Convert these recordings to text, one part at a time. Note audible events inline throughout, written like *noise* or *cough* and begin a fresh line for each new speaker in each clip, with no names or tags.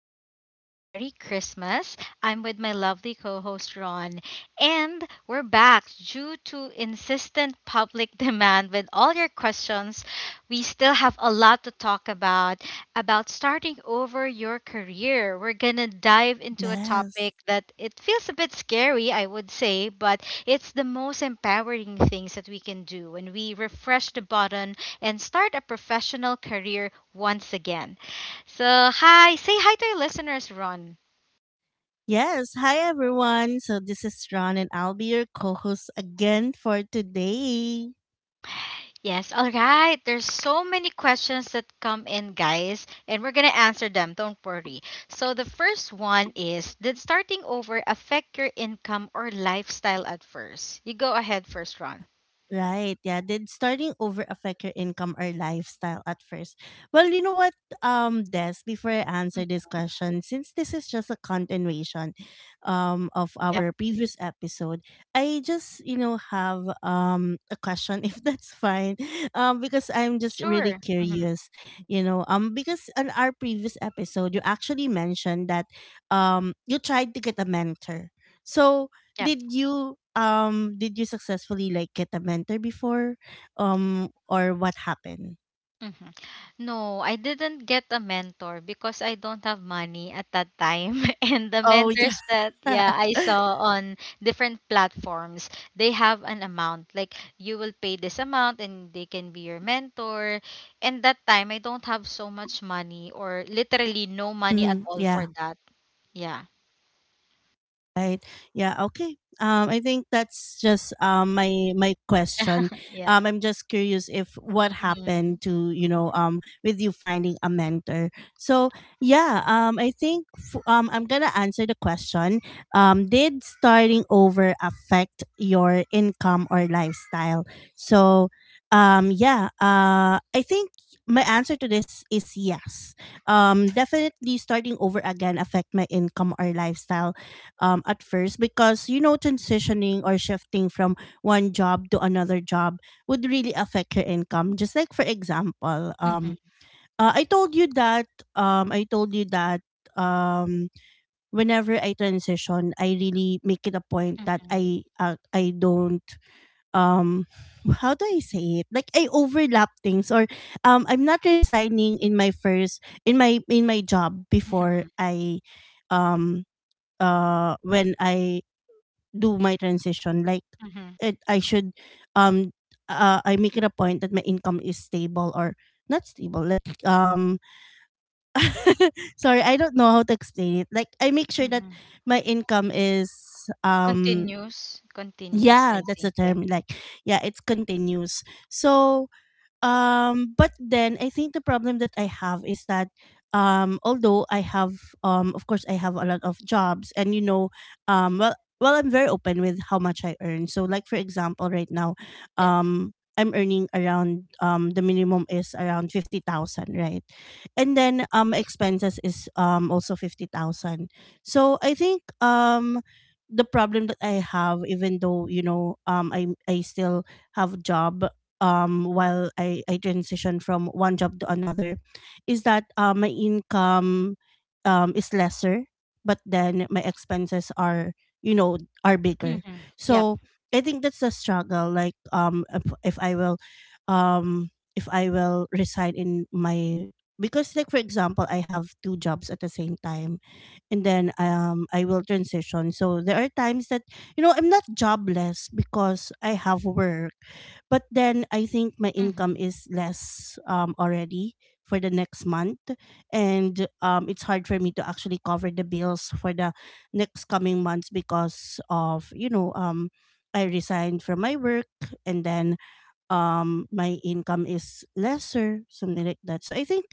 happy and Merry Christmas. I'm with my lovely co host, Ron, and we're back due to insistent public *laughs* demand with all your questions. We still have a lot to talk about starting over your career. We're gonna dive into a
Yes.
topic that it feels a bit scary, I would say, but it's the most empowering things that we can do when we refresh the button and start a professional career once again. So, hi, say hi to your listeners, Ron.
Yes. Hi, everyone. So, this is Ron, and I'll be your co host again for today.
Yes, all right. There's so many questions that come in, guys, and we're going to answer them. Don't worry. So, the first one is, did starting over affect your income or lifestyle at first? You go ahead first, Ron.
Right. Yeah. Did starting over affect your income or lifestyle at first? Well, you know what, Des, before I answer
Mhm.
this question, since this is just a continuation of
Yep.
our previous episode, I just, you know, have a question *laughs* if that's fine. Because I'm just really
Sure. Mhm.
curious, you know. Because on our previous episode you actually mentioned that you tried to get a mentor. So
Yep.
did you successfully like get a mentor before? Or what happened?
Mhm. No, I didn't get a mentor because I don't have money at that time. *laughs* And the
Oh
mentors
yeah.
that, yeah,
*laughs*
I saw on different platforms, they have an amount. Like, you will pay this amount and they can be your mentor. And that time I don't have so much money or literally no money at
Mhm,
all
yeah.
for that. Yeah.
Right. Yeah. Okay. I think that's just my question.
Yeah.
I'm just curious if what
Mhm.
happened to you know with you finding a mentor. So yeah. Um, I'm gonna answer the question. Did starting over affect your income or lifestyle? So, yeah. I think my answer to this is yes. Definitely starting over again affect my income or lifestyle at first because you know transitioning or shifting from one job to another job would really affect your income just like for example
Mhm.
I told you that um, i told you that um, whenever I transition I really make it a point that
Mhm.
I don't um how do I say it like I overlap things or I'm not resigning in my job before
Mhm.
I um when I do my transition like
Mhm.
it I should um I make it a point that my income is stable or not stable like *laughs* sorry I don't know how to explain it like I make sure that
Mhm.
my income is um
Continues, continues,
yeah
I
that's the
think. Yeah.
term like yeah it's continuous so but then I think the problem that I have is that although I have of course I have a lot of jobs and you know um well well I'm very open with how much I earn so like for example right now
Yep.
I'm earning around the minimum is around 50,000 right, and then expenses is also 50,000. So I think the problem that I have, even though you know i still have a job while I transition from one job to another is that my income is lesser but then my expenses are you know are bigger.
Mhm. Yep.
So I think that's the struggle like if I will if I will reside in my because like for example I have two jobs at the same time and then I will transition. So there are times that you know I'm not jobless because I have work but then I think my income
Mhm.
is less already for the next month and it's hard for me to actually cover the bills for the next coming months because of you know I resigned from my work and then my income is lesser something like that. So I think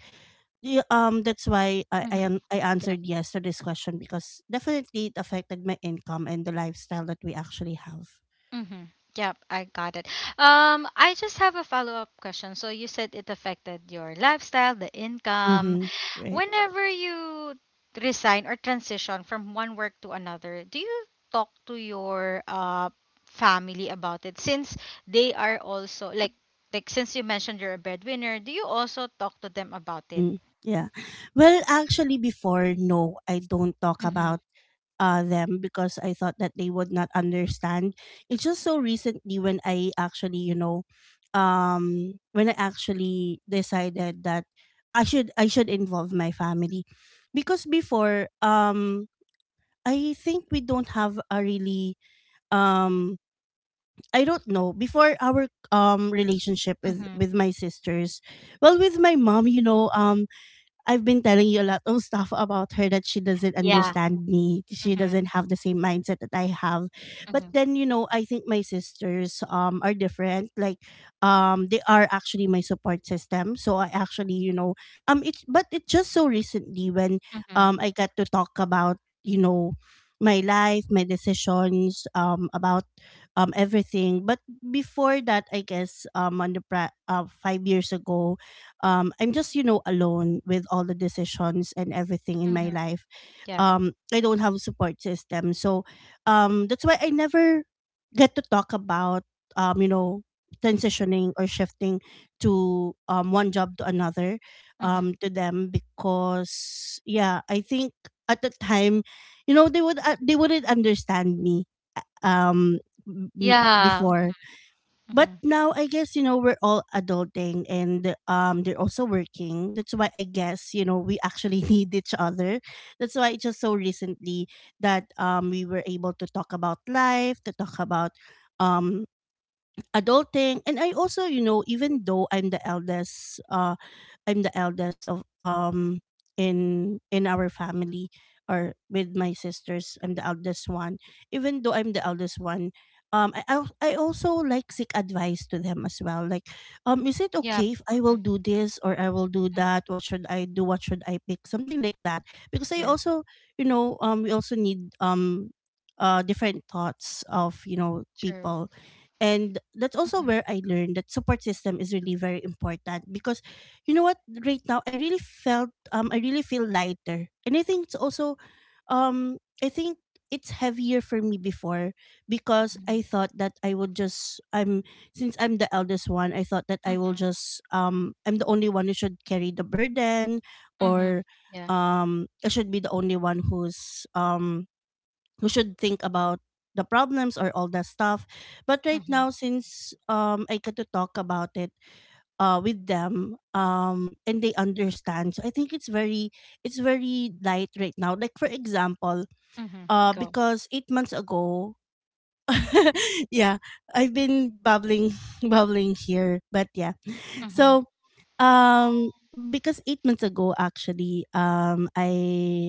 yeah, that's why
Mm-hmm.
I
Yep.
answered yes to this question because definitely it affected my income and the lifestyle that we actually have.
Mm-hmm. Yep, I got it. I just have a follow-up question. So you said it affected your lifestyle, the income.
Mm-hmm. Right.
Whenever you resign or transition from one work to another, do you talk to your family about it? Since they are also like, since you mentioned you're a breadwinner, do you also talk to them about it?
Mm. Yeah. Well, actually, before, no, I don't talk
Mm-hmm.
about them because I thought that they would not understand. It's just so recently when I actually, you know, when I actually decided that I should involve my family, because before, I think we don't have a really um I don't know. Before our relationship with
Mm-hmm.
my sisters, well, with my mom, you know, I've been telling you a lot of stuff about her that she doesn't
Yeah.
understand me. She
Mm-hmm.
doesn't have the same mindset that I have. But
Mm-hmm.
then, you know, I think my sisters are different. Like they are actually my support system. So I actually, you know, it but it just so recently when
Mm-hmm.
I got to talk about, you know, my life, my decisions, um about everything. But before that, I guess on the 5 years ago, I'm just you know alone with all the decisions and everything in my
Mm-hmm.
life.
Yeah.
I don't have a support system, so that's why I never get to talk about you know transitioning or shifting to one job to another
Mm-hmm.
to them because yeah I think at the time you know they wouldn't understand me um
Yeah.
before. But
Mm-hmm.
now I guess you know we're all adulting and they're also working. That's why I guess you know we actually *laughs* need each other. That's why it's just so recently that we were able to talk about life, to talk about um adulting. And I also you know even though I'm the eldest of in our family, or with my sisters I'm the eldest one. Even though I'm the eldest one, I also like seek advice to them as well, like is it
Yeah.
okay if I will
Mhm.
do this or I will do
Mhm.
that, what should I do, what should I pick, something like that. Because I
Yeah.
also you know we also need different thoughts of you know
True.
people. And that's also
Mhm.
where I learned that support system is really very important, because you know what, right now I really felt I really feel lighter. And I think it's also I think it's heavier for me before because
Mhm.
I thought that I would just I'm since I'm the eldest one, I thought that I will
Mhm.
just I'm the only one who should carry the burden
Mhm.
or
Yeah.
I should be the only one who's we should think about the problems or all that stuff. But right
Mhm.
now, since I get to talk about it with them, and they understand, so I think it's very light right now. Like for example,
Mhm. Go.
because 8 months ago, *laughs* yeah, I've been bubbling *laughs* here, but yeah,
Mhm.
so, um, because 8 months ago, actually,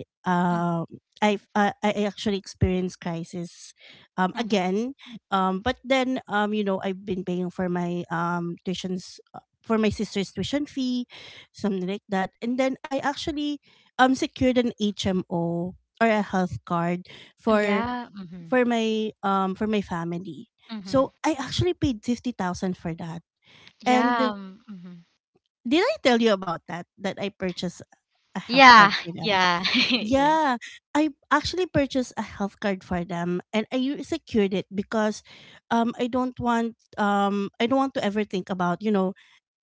Mm-
I actually experienced crisis
Mhm.
again, but then you know I've been paying for my tuitions for my sister's tuition fee, something like that, and then I actually secured an HMO or a health card for
Yeah. Mhm.
my for my family.
Mhm.
So I actually paid 50,000 for that,
Yeah.
and
um, Mhm.
did I tell you about that? That I purchased a health
Yeah.
card for
*laughs*
them.
Yeah. *laughs* Yeah.
Yeah, I actually purchased a health card for them, and secured it because, I don't want to ever think about you know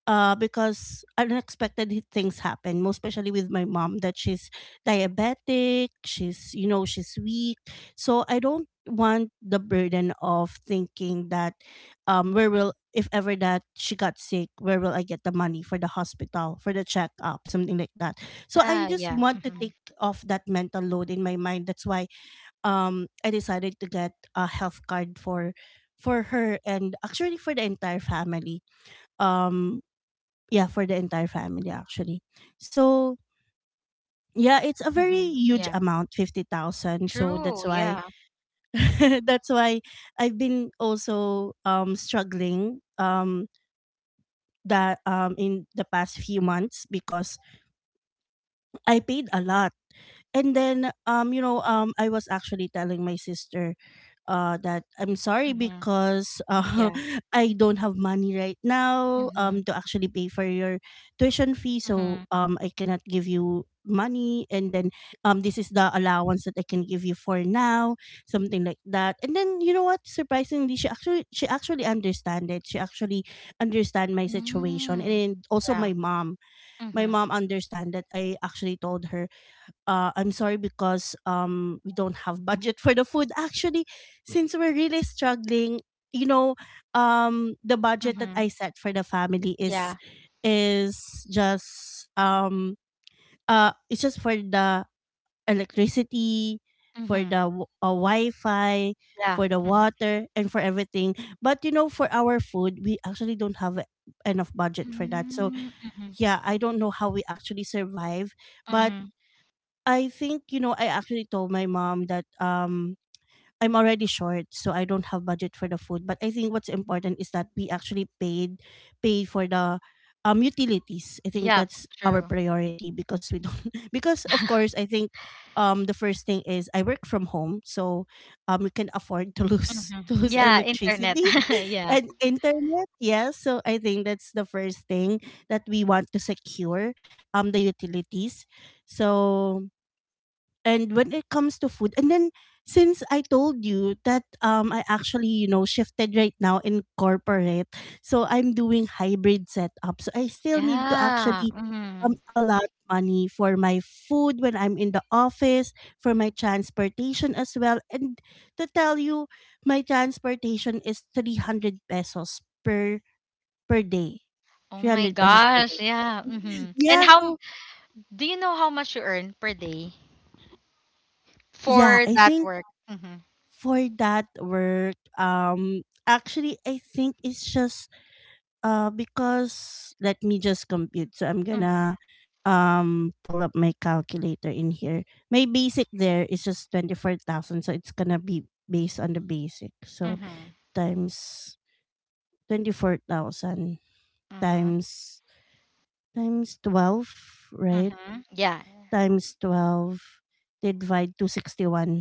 because unexpected things happen, most especially with my mom, that she's diabetic, she's you know she's weak, so I don't want the burden of thinking that where will, if ever that she got sick, where will I get the money for the hospital, for the checkup, something like that. So I
Yeah.
just
Yeah.
want to
Mhm.
take off that mental load in my mind, that's why I decided to get a health card for her, and actually for the entire family. um yeah, for the entire family actually. So yeah, it's a very
Mhm.
huge
Yeah.
amount, 50,000, so that's
True.
why
Yeah.
*laughs* that's why I've been also struggling that in the past few months because I paid a lot. And then you know I was actually telling my sister that I'm sorry
Mhm.
because
Yeah.
*laughs* I don't have money right now
Mhm.
to actually pay for your tuition fee, so
Mhm.
I cannot give you money. And then this is the allowance that I can give you for now, something like that. And then you know what, surprisingly she actually understand it, she actually understand my situation.
Mm.
And also
Yeah.
my
Mhm.
mom understand that. I actually told her, I'm sorry because we don't have *laughs* budget for the food. Actually, since we're really struggling, you know, the budget that
Mhm.
I set for the family
Yeah.
is just it's just for the electricity, for
Mhm.
the Wi-Fi,
Yeah.
for the
Mhm.
water, and for everything. But you know, for our food, we actually don't have enough budget for that. So
Mm, Mhm.
yeah, I don't know how we actually survive, but
Mhm.
I think, you know, I actually told my mom that I'm already short, so I don't have budget for the food. But I think what's important is that we actually paid for the utilities. I think
Yep.
that's our
True.
priority because we don't, *laughs* because of
*laughs*
course I think, the first thing is I work from home, so we can afford to lose
Mhm.
*laughs* to lose
Yeah, internet.
electricity
*laughs*
*laughs*
Yeah.
and internet. Yes. So I think that's the first thing that we want to secure the utilities. So, and when it comes to food, and then since I told you that I actually, shifted right now in corporate, so I'm doing hybrid setup, so I still need to
Yeah.
actually
Mhm.
allot money for my food when I'm in the office, for my transportation as well. And to tell you, my transportation is 300 pesos per day.
Oh my
300 pesos per
gosh.
day,
Yeah. Mhm. And
yeah.
how m-
So
do you know how much you earn per day
yeah,
for
I
that
think
work? Mhm.
for that work, actually I think it's just because let me just compute, so I'm
Mhm.
gonna pull up my calculator in here. My basic there is just 24,000, so it's gonna be based on the basic. So,
Mhm.
times 24,000,
Mhm.
times times 12, right?
Mhm. Yeah.
Times 12, they divide 261,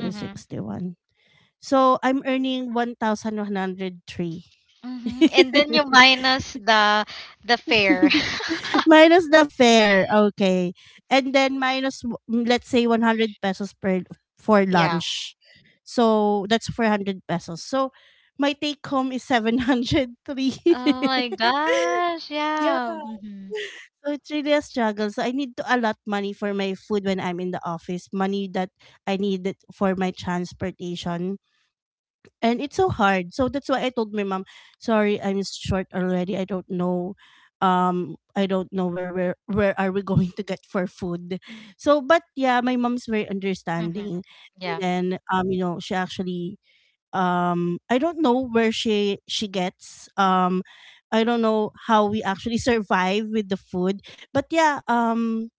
Mhm.
So, I'm earning 1,103. *laughs*
Mhm. And then you minus the fare.
*laughs*
*laughs*
Minus the fare, okay. And then minus, let's say, 100 pesos per for
Yeah.
lunch. So, that's 400 pesos. So, my take home is 703.
Oh my
*laughs*
gosh.
Yeah.
Yeah. Mhm.
So, it's really a struggle. So I need to allot money for my food when I'm in the office, money that I need it for my transportation. And it's so hard. So that's why I told my mom, sorry, I'm short already. I don't know where are we *laughs* going to get for food. So, but yeah, my mom's very
Mhm.
understanding. And
Yeah.
then, she actually, I don't know where she gets. I don't know how we actually *laughs* survive with the food. But yeah,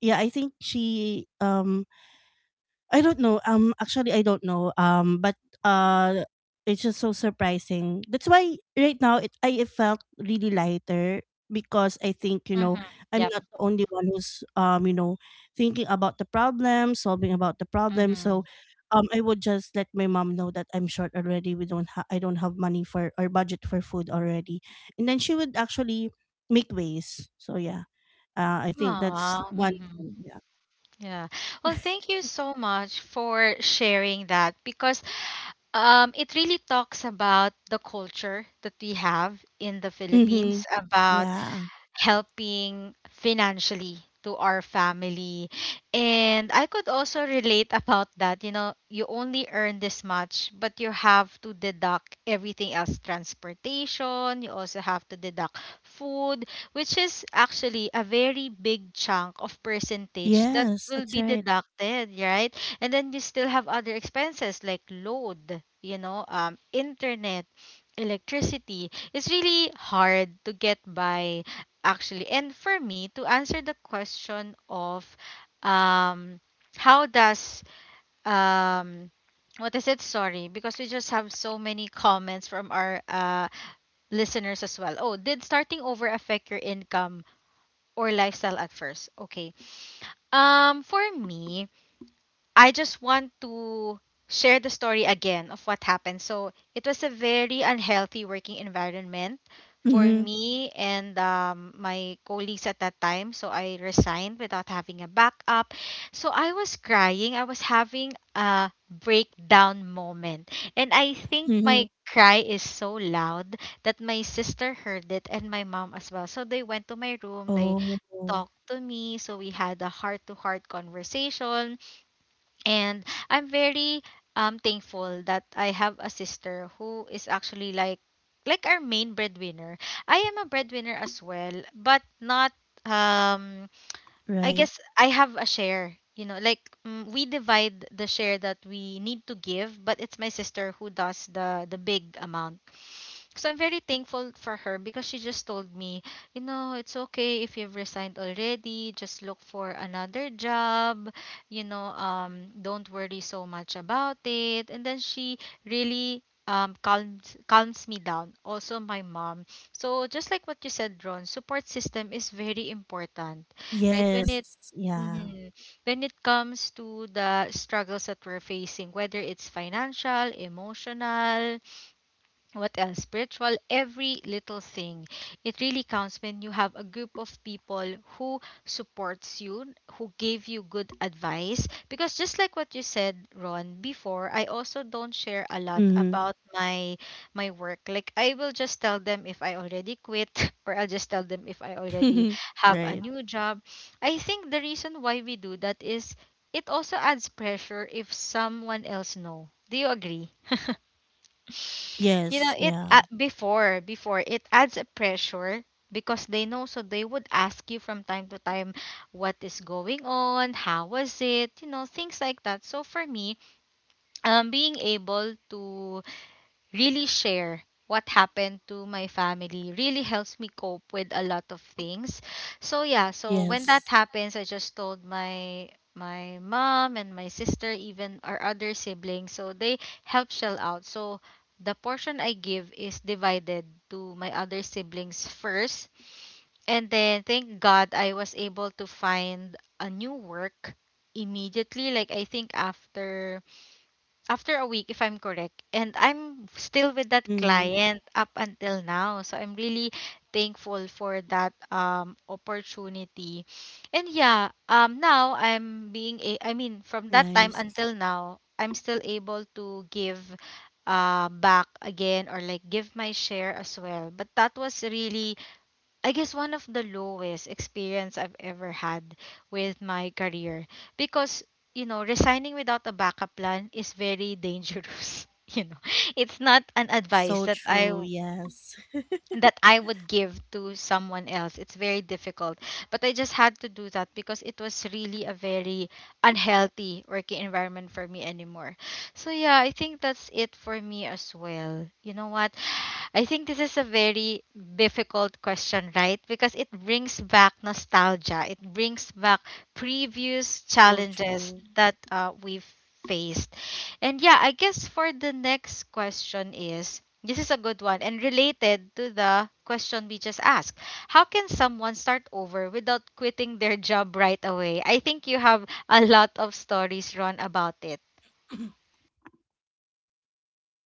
yeah, I think she, I don't know. Actually, I don't know. But uh, it's just so surprising. That's why right now, it I felt really lighter, because I think,
Mhm.
I'm
Yep.
not the only one who's, thinking about the problem, solving about the problem. So,
Mhm.
I would just let my mom know that I'm short already. We don't ha- I don't have money for, or budget for, food already, and then she would actually make ways. So yeah, I think that's
Aw.
one
Mhm.
thing. Yeah.
Yeah. Well, thank you
*laughs*
so much for sharing that because, it really talks about the culture that we have in the
Mhm.
Philippines, about
Yeah.
helping financially to our family. And I could also relate about that. You know, you only earn this much, but you have to deduct everything else, transportation, you also have to deduct food, which is actually a very big chunk of percentage that
Yes,
will
that's
be
right.
deducted, right? And then you still have other expenses like load, you know, internet, electricity, it's really hard to get by actually. And for me, to answer the question of, um, how does, um, what is it? Sorry, because we just have so many comments from our listeners as well. Oh, did starting over affect your income or lifestyle at first? Okay. For me, I just want to share the story again of what happened. So it was a very unhealthy working environment for
Mhm.
me and, my colleagues at that time. So I resigned without having a backup. So I was crying. I was having a breakdown moment. And I think my
Mhm.
cry is so loud that my sister heard it and my mom as well. So they went to my room. They
Oh,
talked to me. So we had a heart to heart conversation, and I'm very thankful that I have a sister who is actually like, our main breadwinner. I am a breadwinner as well, but not, um I
right.
guess I have a share. You know, like, mm, we divide the share that we need to give, but it's my sister who does the big amount, so I'm very thankful for her because she just told me, you know, it's okay if you've resigned already, just look for another job, you know, don't worry so much about it. And then she really calms me down. Also my mom. So just like what you said, Ron, support system is very important. Right? When
Yes.
it,
Yeah.
Mhm. When it comes to the struggles that we're facing, whether it's financial, emotional, what else, spiritual, every little thing, it really counts when you have a group of people who supports you, who gave you good advice, because just like what you said, Ron, before I also don't share a lot
Mhm.
about my, my work. Like, I will just tell them if I already quit *laughs* or I'll just tell them if I already
*laughs*
have a
Right.
new job. I think the reason why we do that is it also adds pressure if someone else know, do you agree? *laughs* You know,
Yes,
it,
yeah.
before it adds a pressure because they know, so they would ask you from time to time what is going on, how was it, you know, things like that. So for me, being able to really share what happened to my family really helps me cope with a lot of things. So yeah, so when that
Yes.
happens, I just told my, my mom and my sister, even our other siblings, so they help shell out. So the portion I give is divided to my other siblings first. And then thank God I was able to find a new work immediately. Like I think after, after a week if I'm correct. And I'm still with that
Mhm.
client up until now. So I'm really thankful for that opportunity. And yeah, now I'm being a, I mean, from that time
Nice.
until now, I'm still able to give back again, or like, give my share as well. But that was really, I guess, one of the lowest experience I've ever had with my career, because, you know, resigning without a backup plan is very dangerous *laughs* you know, it's not an advice
So true. Yes. *laughs*
that I would give to someone else. It's very difficult. But I just had to do that because it was really a very unhealthy working environment for me anymore. So yeah, I think that's it for me as well. You know what? I think this is a very difficult question, right? Because it brings back nostalgia. It brings back previous
So
challenges
true.
that we've faced. And yeah, I guess for the next question is, this is a good one and related to the question we just asked. How can someone start over without quitting their job right away? I think you have a lot of stories, Ron, about it.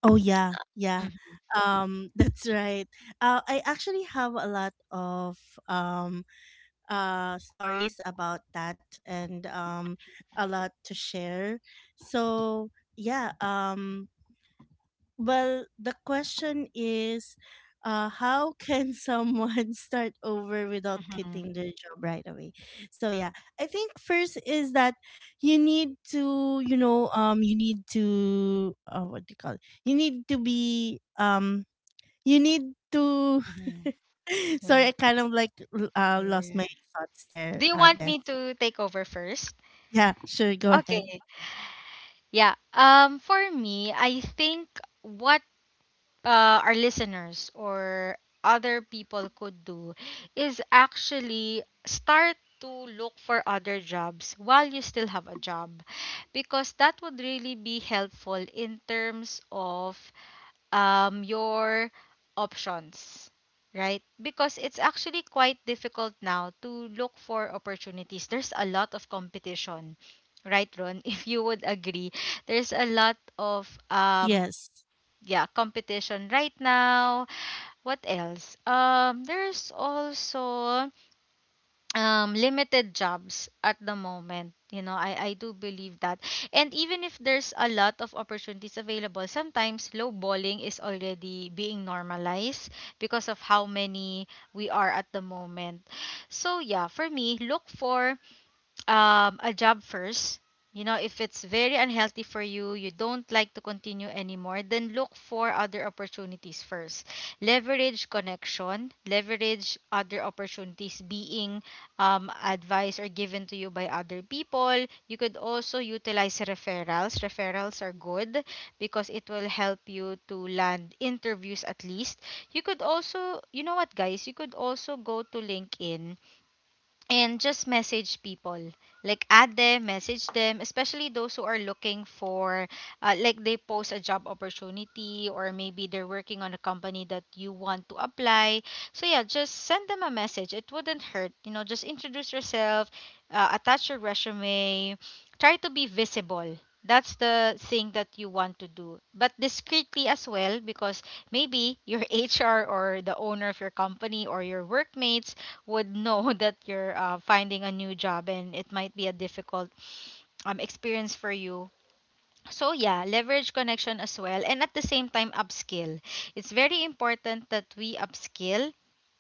Oh yeah, yeah. *laughs* That's right. I actually have a lot of um stories about that, and a lot to share. So yeah, well, the question is, how can *laughs* someone start over without
Mm-hmm.
quitting their job right away? So yeah, I think first is that you need to, you need to, what do you call it? You need to be, you need to. *laughs*
Hmm. Yeah.
Sorry, I kind of like lost
Yeah.
my thoughts there,
Do you want
Agnes.
me to take over first?
Yeah, sure, go ahead.
Okay. Yeah. For me, I think one, our listeners or other people could do is actually start to look for other jobs while you still have a job, because that would really be helpful in terms of, your options, right? Because it's actually quite difficult now to look for opportunities. There's a lot of competition, right, Ron? *laughs* If you would agree, there's a lot of,
Yes,
yeah, competition right now. What else? There's also, limited jobs at the moment. You know, I do believe that. And even if there's a lot of opportunities available, sometimes lowballing is already being normalized because of how many we are at the moment. So, yeah, for me, look for, a job first. You know, if it's very unhealthy for you, you don't like to continue anymore, then look for other opportunities first. Leverage connection, leverage other opportunities being, advised or given to you by other people. You could also utilize referrals. Referrals are good because it will help you to land interviews at least. You could also, you know what, guys, you could also go to LinkedIn and just message people, like add them, message them, especially those who are looking for, like they post a job opportunity or maybe they're working on a company that you want to apply. So yeah, just send them a message, it wouldn't hurt, you know, just introduce yourself, attach your resume, try to be visible. That's the thing that you want to do, but discreetly as well, because maybe your *laughs* HR or the owner of your company or your workmates would know *laughs* that you're, finding a new job, and it might be a difficult, experience for you. So yeah, leverage connection as well, and at the same time upskill. It's very important that we upskill,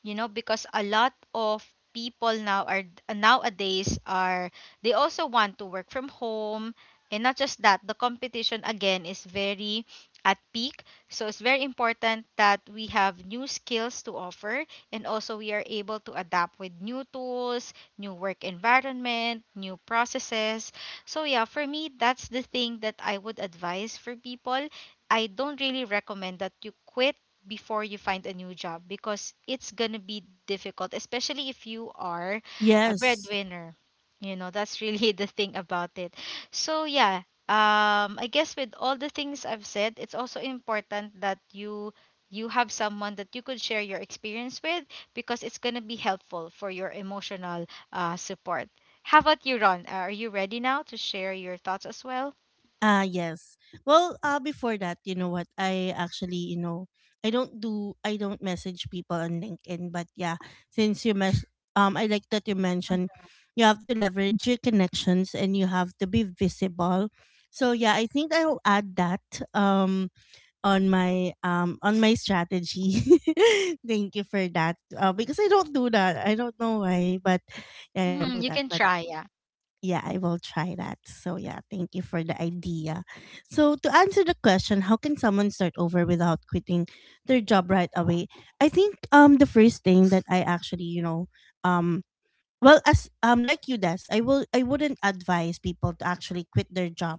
you know, because a lot of people now are, nowadays are, they also want to work from home, and not just that, the competition again is very at peak. So it's very important that we have new skills to offer and also we are able to adapt with new tools, new work environment, new processes, so yeah, for me that's the thing that I would advise for people. I don't really recommend that you quit before you find a new job because it's going to be difficult, especially if you are a
yes.
breadwinner. You know, that's really *laughs* the thing about it. So yeah, I guess with all the things I've said, it's also important that you have someone that you could share your experience with because it's going to be helpful for your emotional support. How about you, Ron? Are you ready now to share your thoughts as well?
Ah, yes. Well, before that, you know what? I actually, I don't do, I don't message people on LinkedIn. But yeah, since you mes- I like that you mentioned you have to leverage your connections and you have to be visible. So yeah, I think I'll add that um on my strategy. *laughs* Thank you for that. Because I don't do that, I don't know why. But yeah, I don't do
Mm-hmm, you
that.
can
But
try, yeah.
yeah, I will try that. So, yeah, thank you for the idea. So, to answer the question, how can someone start over without quitting their job right away? I think the first thing that I actually, um well, as like you, Des, I wouldn't advise people to actually quit their job.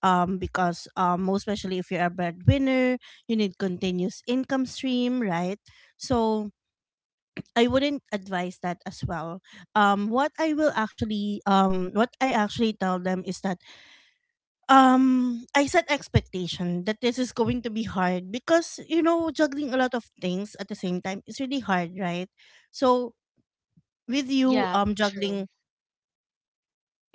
Because, most especially if you're a breadwinner, you need continuous income stream, right? So, I wouldn't advise that as well. What I actually tell them is that, I set expectation that this is going to be hard because, you know, juggling a lot of things at the same time is really hard, right? So, with you,
Yep, true.
juggling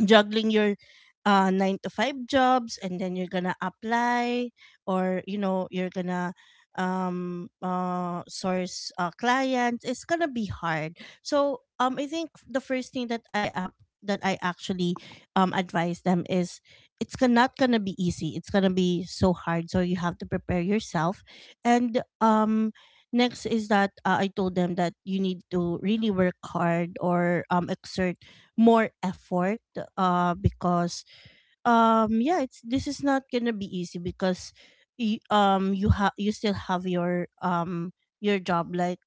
juggling your nine to five jobs, and then you're gonna apply, or you know you're gonna source, clients. It's gonna be hard. So, I think the first thing that I up that I actually advise them is, it's gonna, not gonna be easy. It's gonna be so hard, so you have to prepare yourself. And next is that, I told them that you need to really work hard, or exert more effort, because, yeah, it's this is not gonna be easy, because you have, you still have your job, like,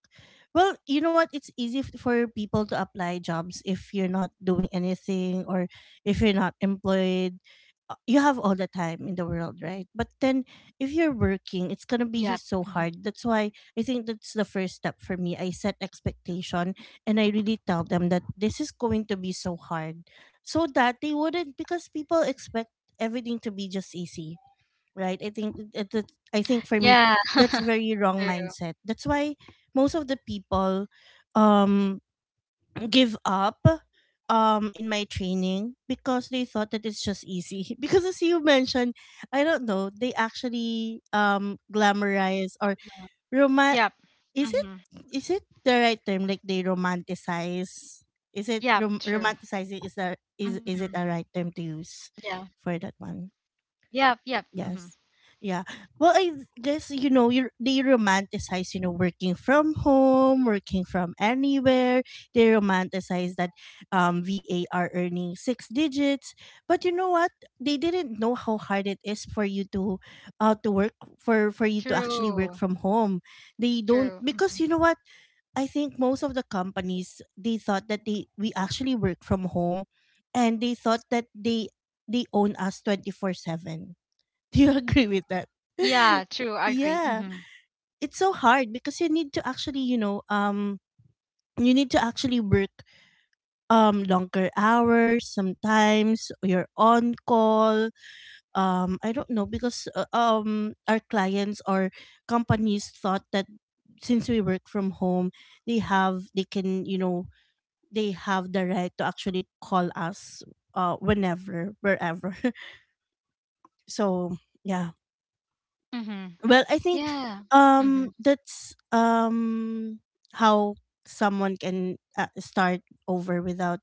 well, you know what, it's easy for people to apply jobs if you're not doing anything, or if you're not employed. You have all the time in the world, right? But then, if you're working, it's gonna be
Yep.
so
Hmm.
hard. That's why I think that's the first step for me. I set expectation, and I really tell them that this is going to be so hard, so that they wouldn't, because people expect everything to be just easy, right? I think I think for me,
Yeah,
that's a very wrong
true.
mindset. That's why most of the people um give up in my training, because they thought that it's just easy. *laughs* Because, as you mentioned, I don't know, they actually glamorize, or
Yep.
is it
Hmm.
is it the right term? Like, they romanticize?
Yep,
Is it
true. Hmm.
romanticizing? Is that is it a
Yeah.
right term to use for that one?
Yep, yep. Hmm.
Yes. Yeah. Well, I guess, you know you they romanticize, working from home, working from anywhere. They romanticize that VA are earning six digits. But you know what? They didn't know how hard it is for you to work for you to actually
True.
work from home. They
True.
don't,
Hmm.
because you know what, I think most of the companies, they thought that they we actually work from home, and they thought that they own us 24/7. *laughs* Do you agree with that?
Yeah,
*laughs*
true. I agree. Hmm.
Yeah. It's so hard, because you need to actually work longer hours, sometimes you're on call. I don't know, because our clients or companies thought that since we work from home, they have they can you know they have the right to actually call us, whenever, wherever. *laughs* So yeah.
Hmm.
Well, I think,
Yeah. Hmm.
that's how someone can, start over without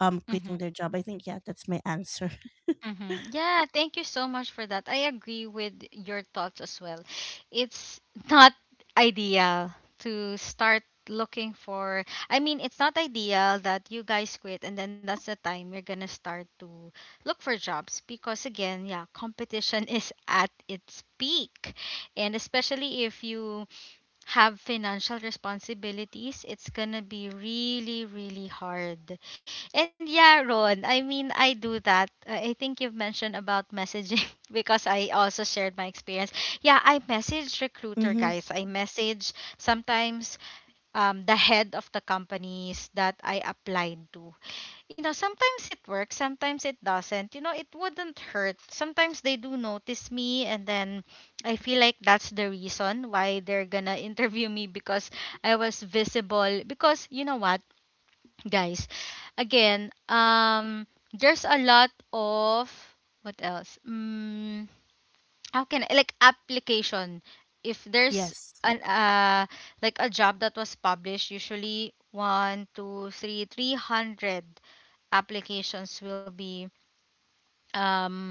Hmm.
quitting their job. I think, yeah, that's my answer. *laughs*
Hmm. Yeah, thank you so much for that. I agree with your thoughts as well. It's *laughs* not ideal to start looking for, I mean, it's not ideal that you guys quit and then that's the time you're going to start to look for jobs because again, yeah, competition *laughs* is at its peak. And especially if you have financial responsibilities, it's gonna be really, really hard. And yeah, Ron, I mean, I do that. I think you've mentioned about messaging *laughs* because I also shared my experience. Yeah, I message recruiter
Mm-hmm.
guys. I message sometimes the head of the companies that I applied to. You know, sometimes it works, sometimes it doesn't. You know, it wouldn't hurt. Sometimes they do notice me, and then I feel like that's the reason why they're gonna *laughs* interview me because I was visible. Because you know what, guys, again, there's a lot of, what else? How can I, like, application? If there's
Yes.
an like a job that was published, usually one, two, three, 300 applications will be, um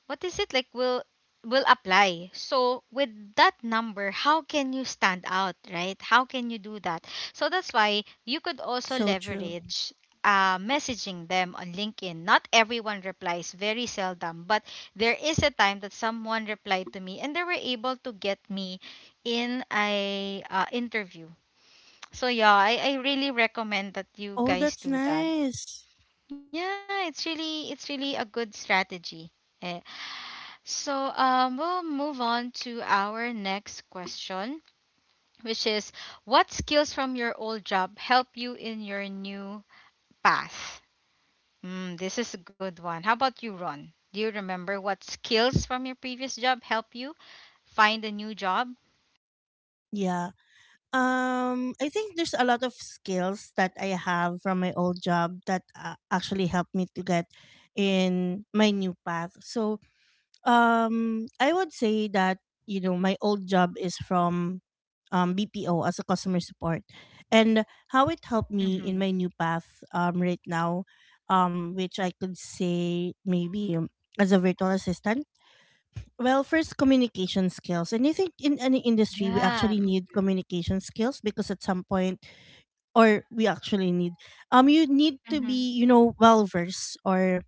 what is it like, will apply. So with that number, how can you stand out, right? How can you do that? So that's why you could also
So true.
leverage messaging them on LinkedIn. Not everyone replies, very seldom, but there is a time that someone replied to me and they were able to get me in a interview. So yeah, I really recommend that you
Oh,
guys
that's
do that.
nice.
Yeah, it's really a good strategy. Eh, so we'll move on to our next question, which is what skills from your old job help you in your new path? Mm, this is a good one. How about you, Ron? Do you remember what skills from your previous job help you find a new job?
Yeah. I think there's a lot of skills that I have from my old job that, actually helped me to get in my new path. So, I would say that, you know, my old job is from, BPO, as a customer support. And how it helped me
Mm-hmm.
in my new path, right now, which I could say, maybe, as a virtual assistant. Well, first, communication skills. And I think in any industry we
Yeah.
actually
Mm-hmm.
need communication skills, because at some point, or we actually need, you need to
Mm-hmm.
be, you know, well versed, or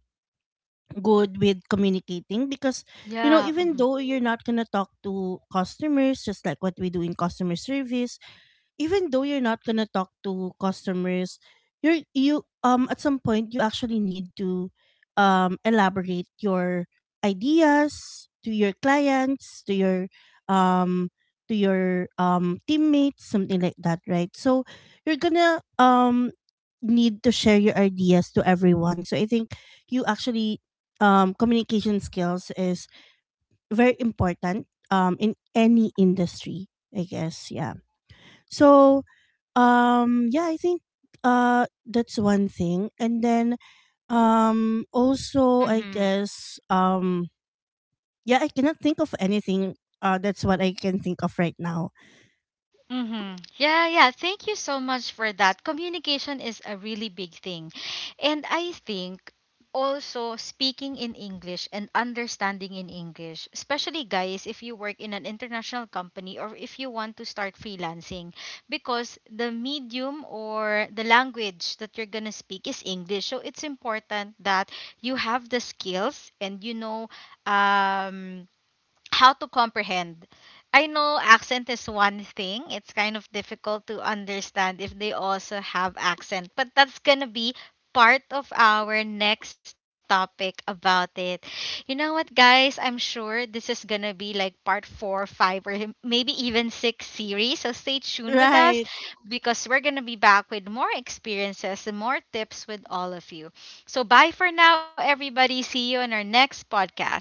good with communicating. Because, you know,
Yeah.
even
Mm-hmm.
though you're not gonna talk to customers, just like what we do in customer service, even though you're not gonna talk to customers, you're you at some point you actually need to, elaborate your ideas to your clients, to your um teammates, something like that, right? So you're gonna, need to share your ideas to everyone. So I think you actually communication skills is very important in any industry, I guess. Yeah. So yeah, I think, that's one thing. And then, also, I
Mm-hmm.
guess, yeah, I cannot think of anything, that's what I can think of right now.
Mm-hmm. Yeah, yeah. Thank you so much for that. Communication is a really big thing. And I think also speaking in English and understanding in English, especially guys, if you work in an international company or if you want to start freelancing, because the medium or the language that you're going to speak is English. So it's important that you have the skills and you know um how to comprehend. I know accent is one thing. It's kind of difficult to understand if they also have accent, but that's going to be part of our next topic about it. You know what, guys? I'm sure this is going to be like part 4, 5 or maybe even 6 series. So stay tuned with us
Right.
because we're going to be back with more experiences and more tips with all of you. So bye for now everybody. See you on our next podcast.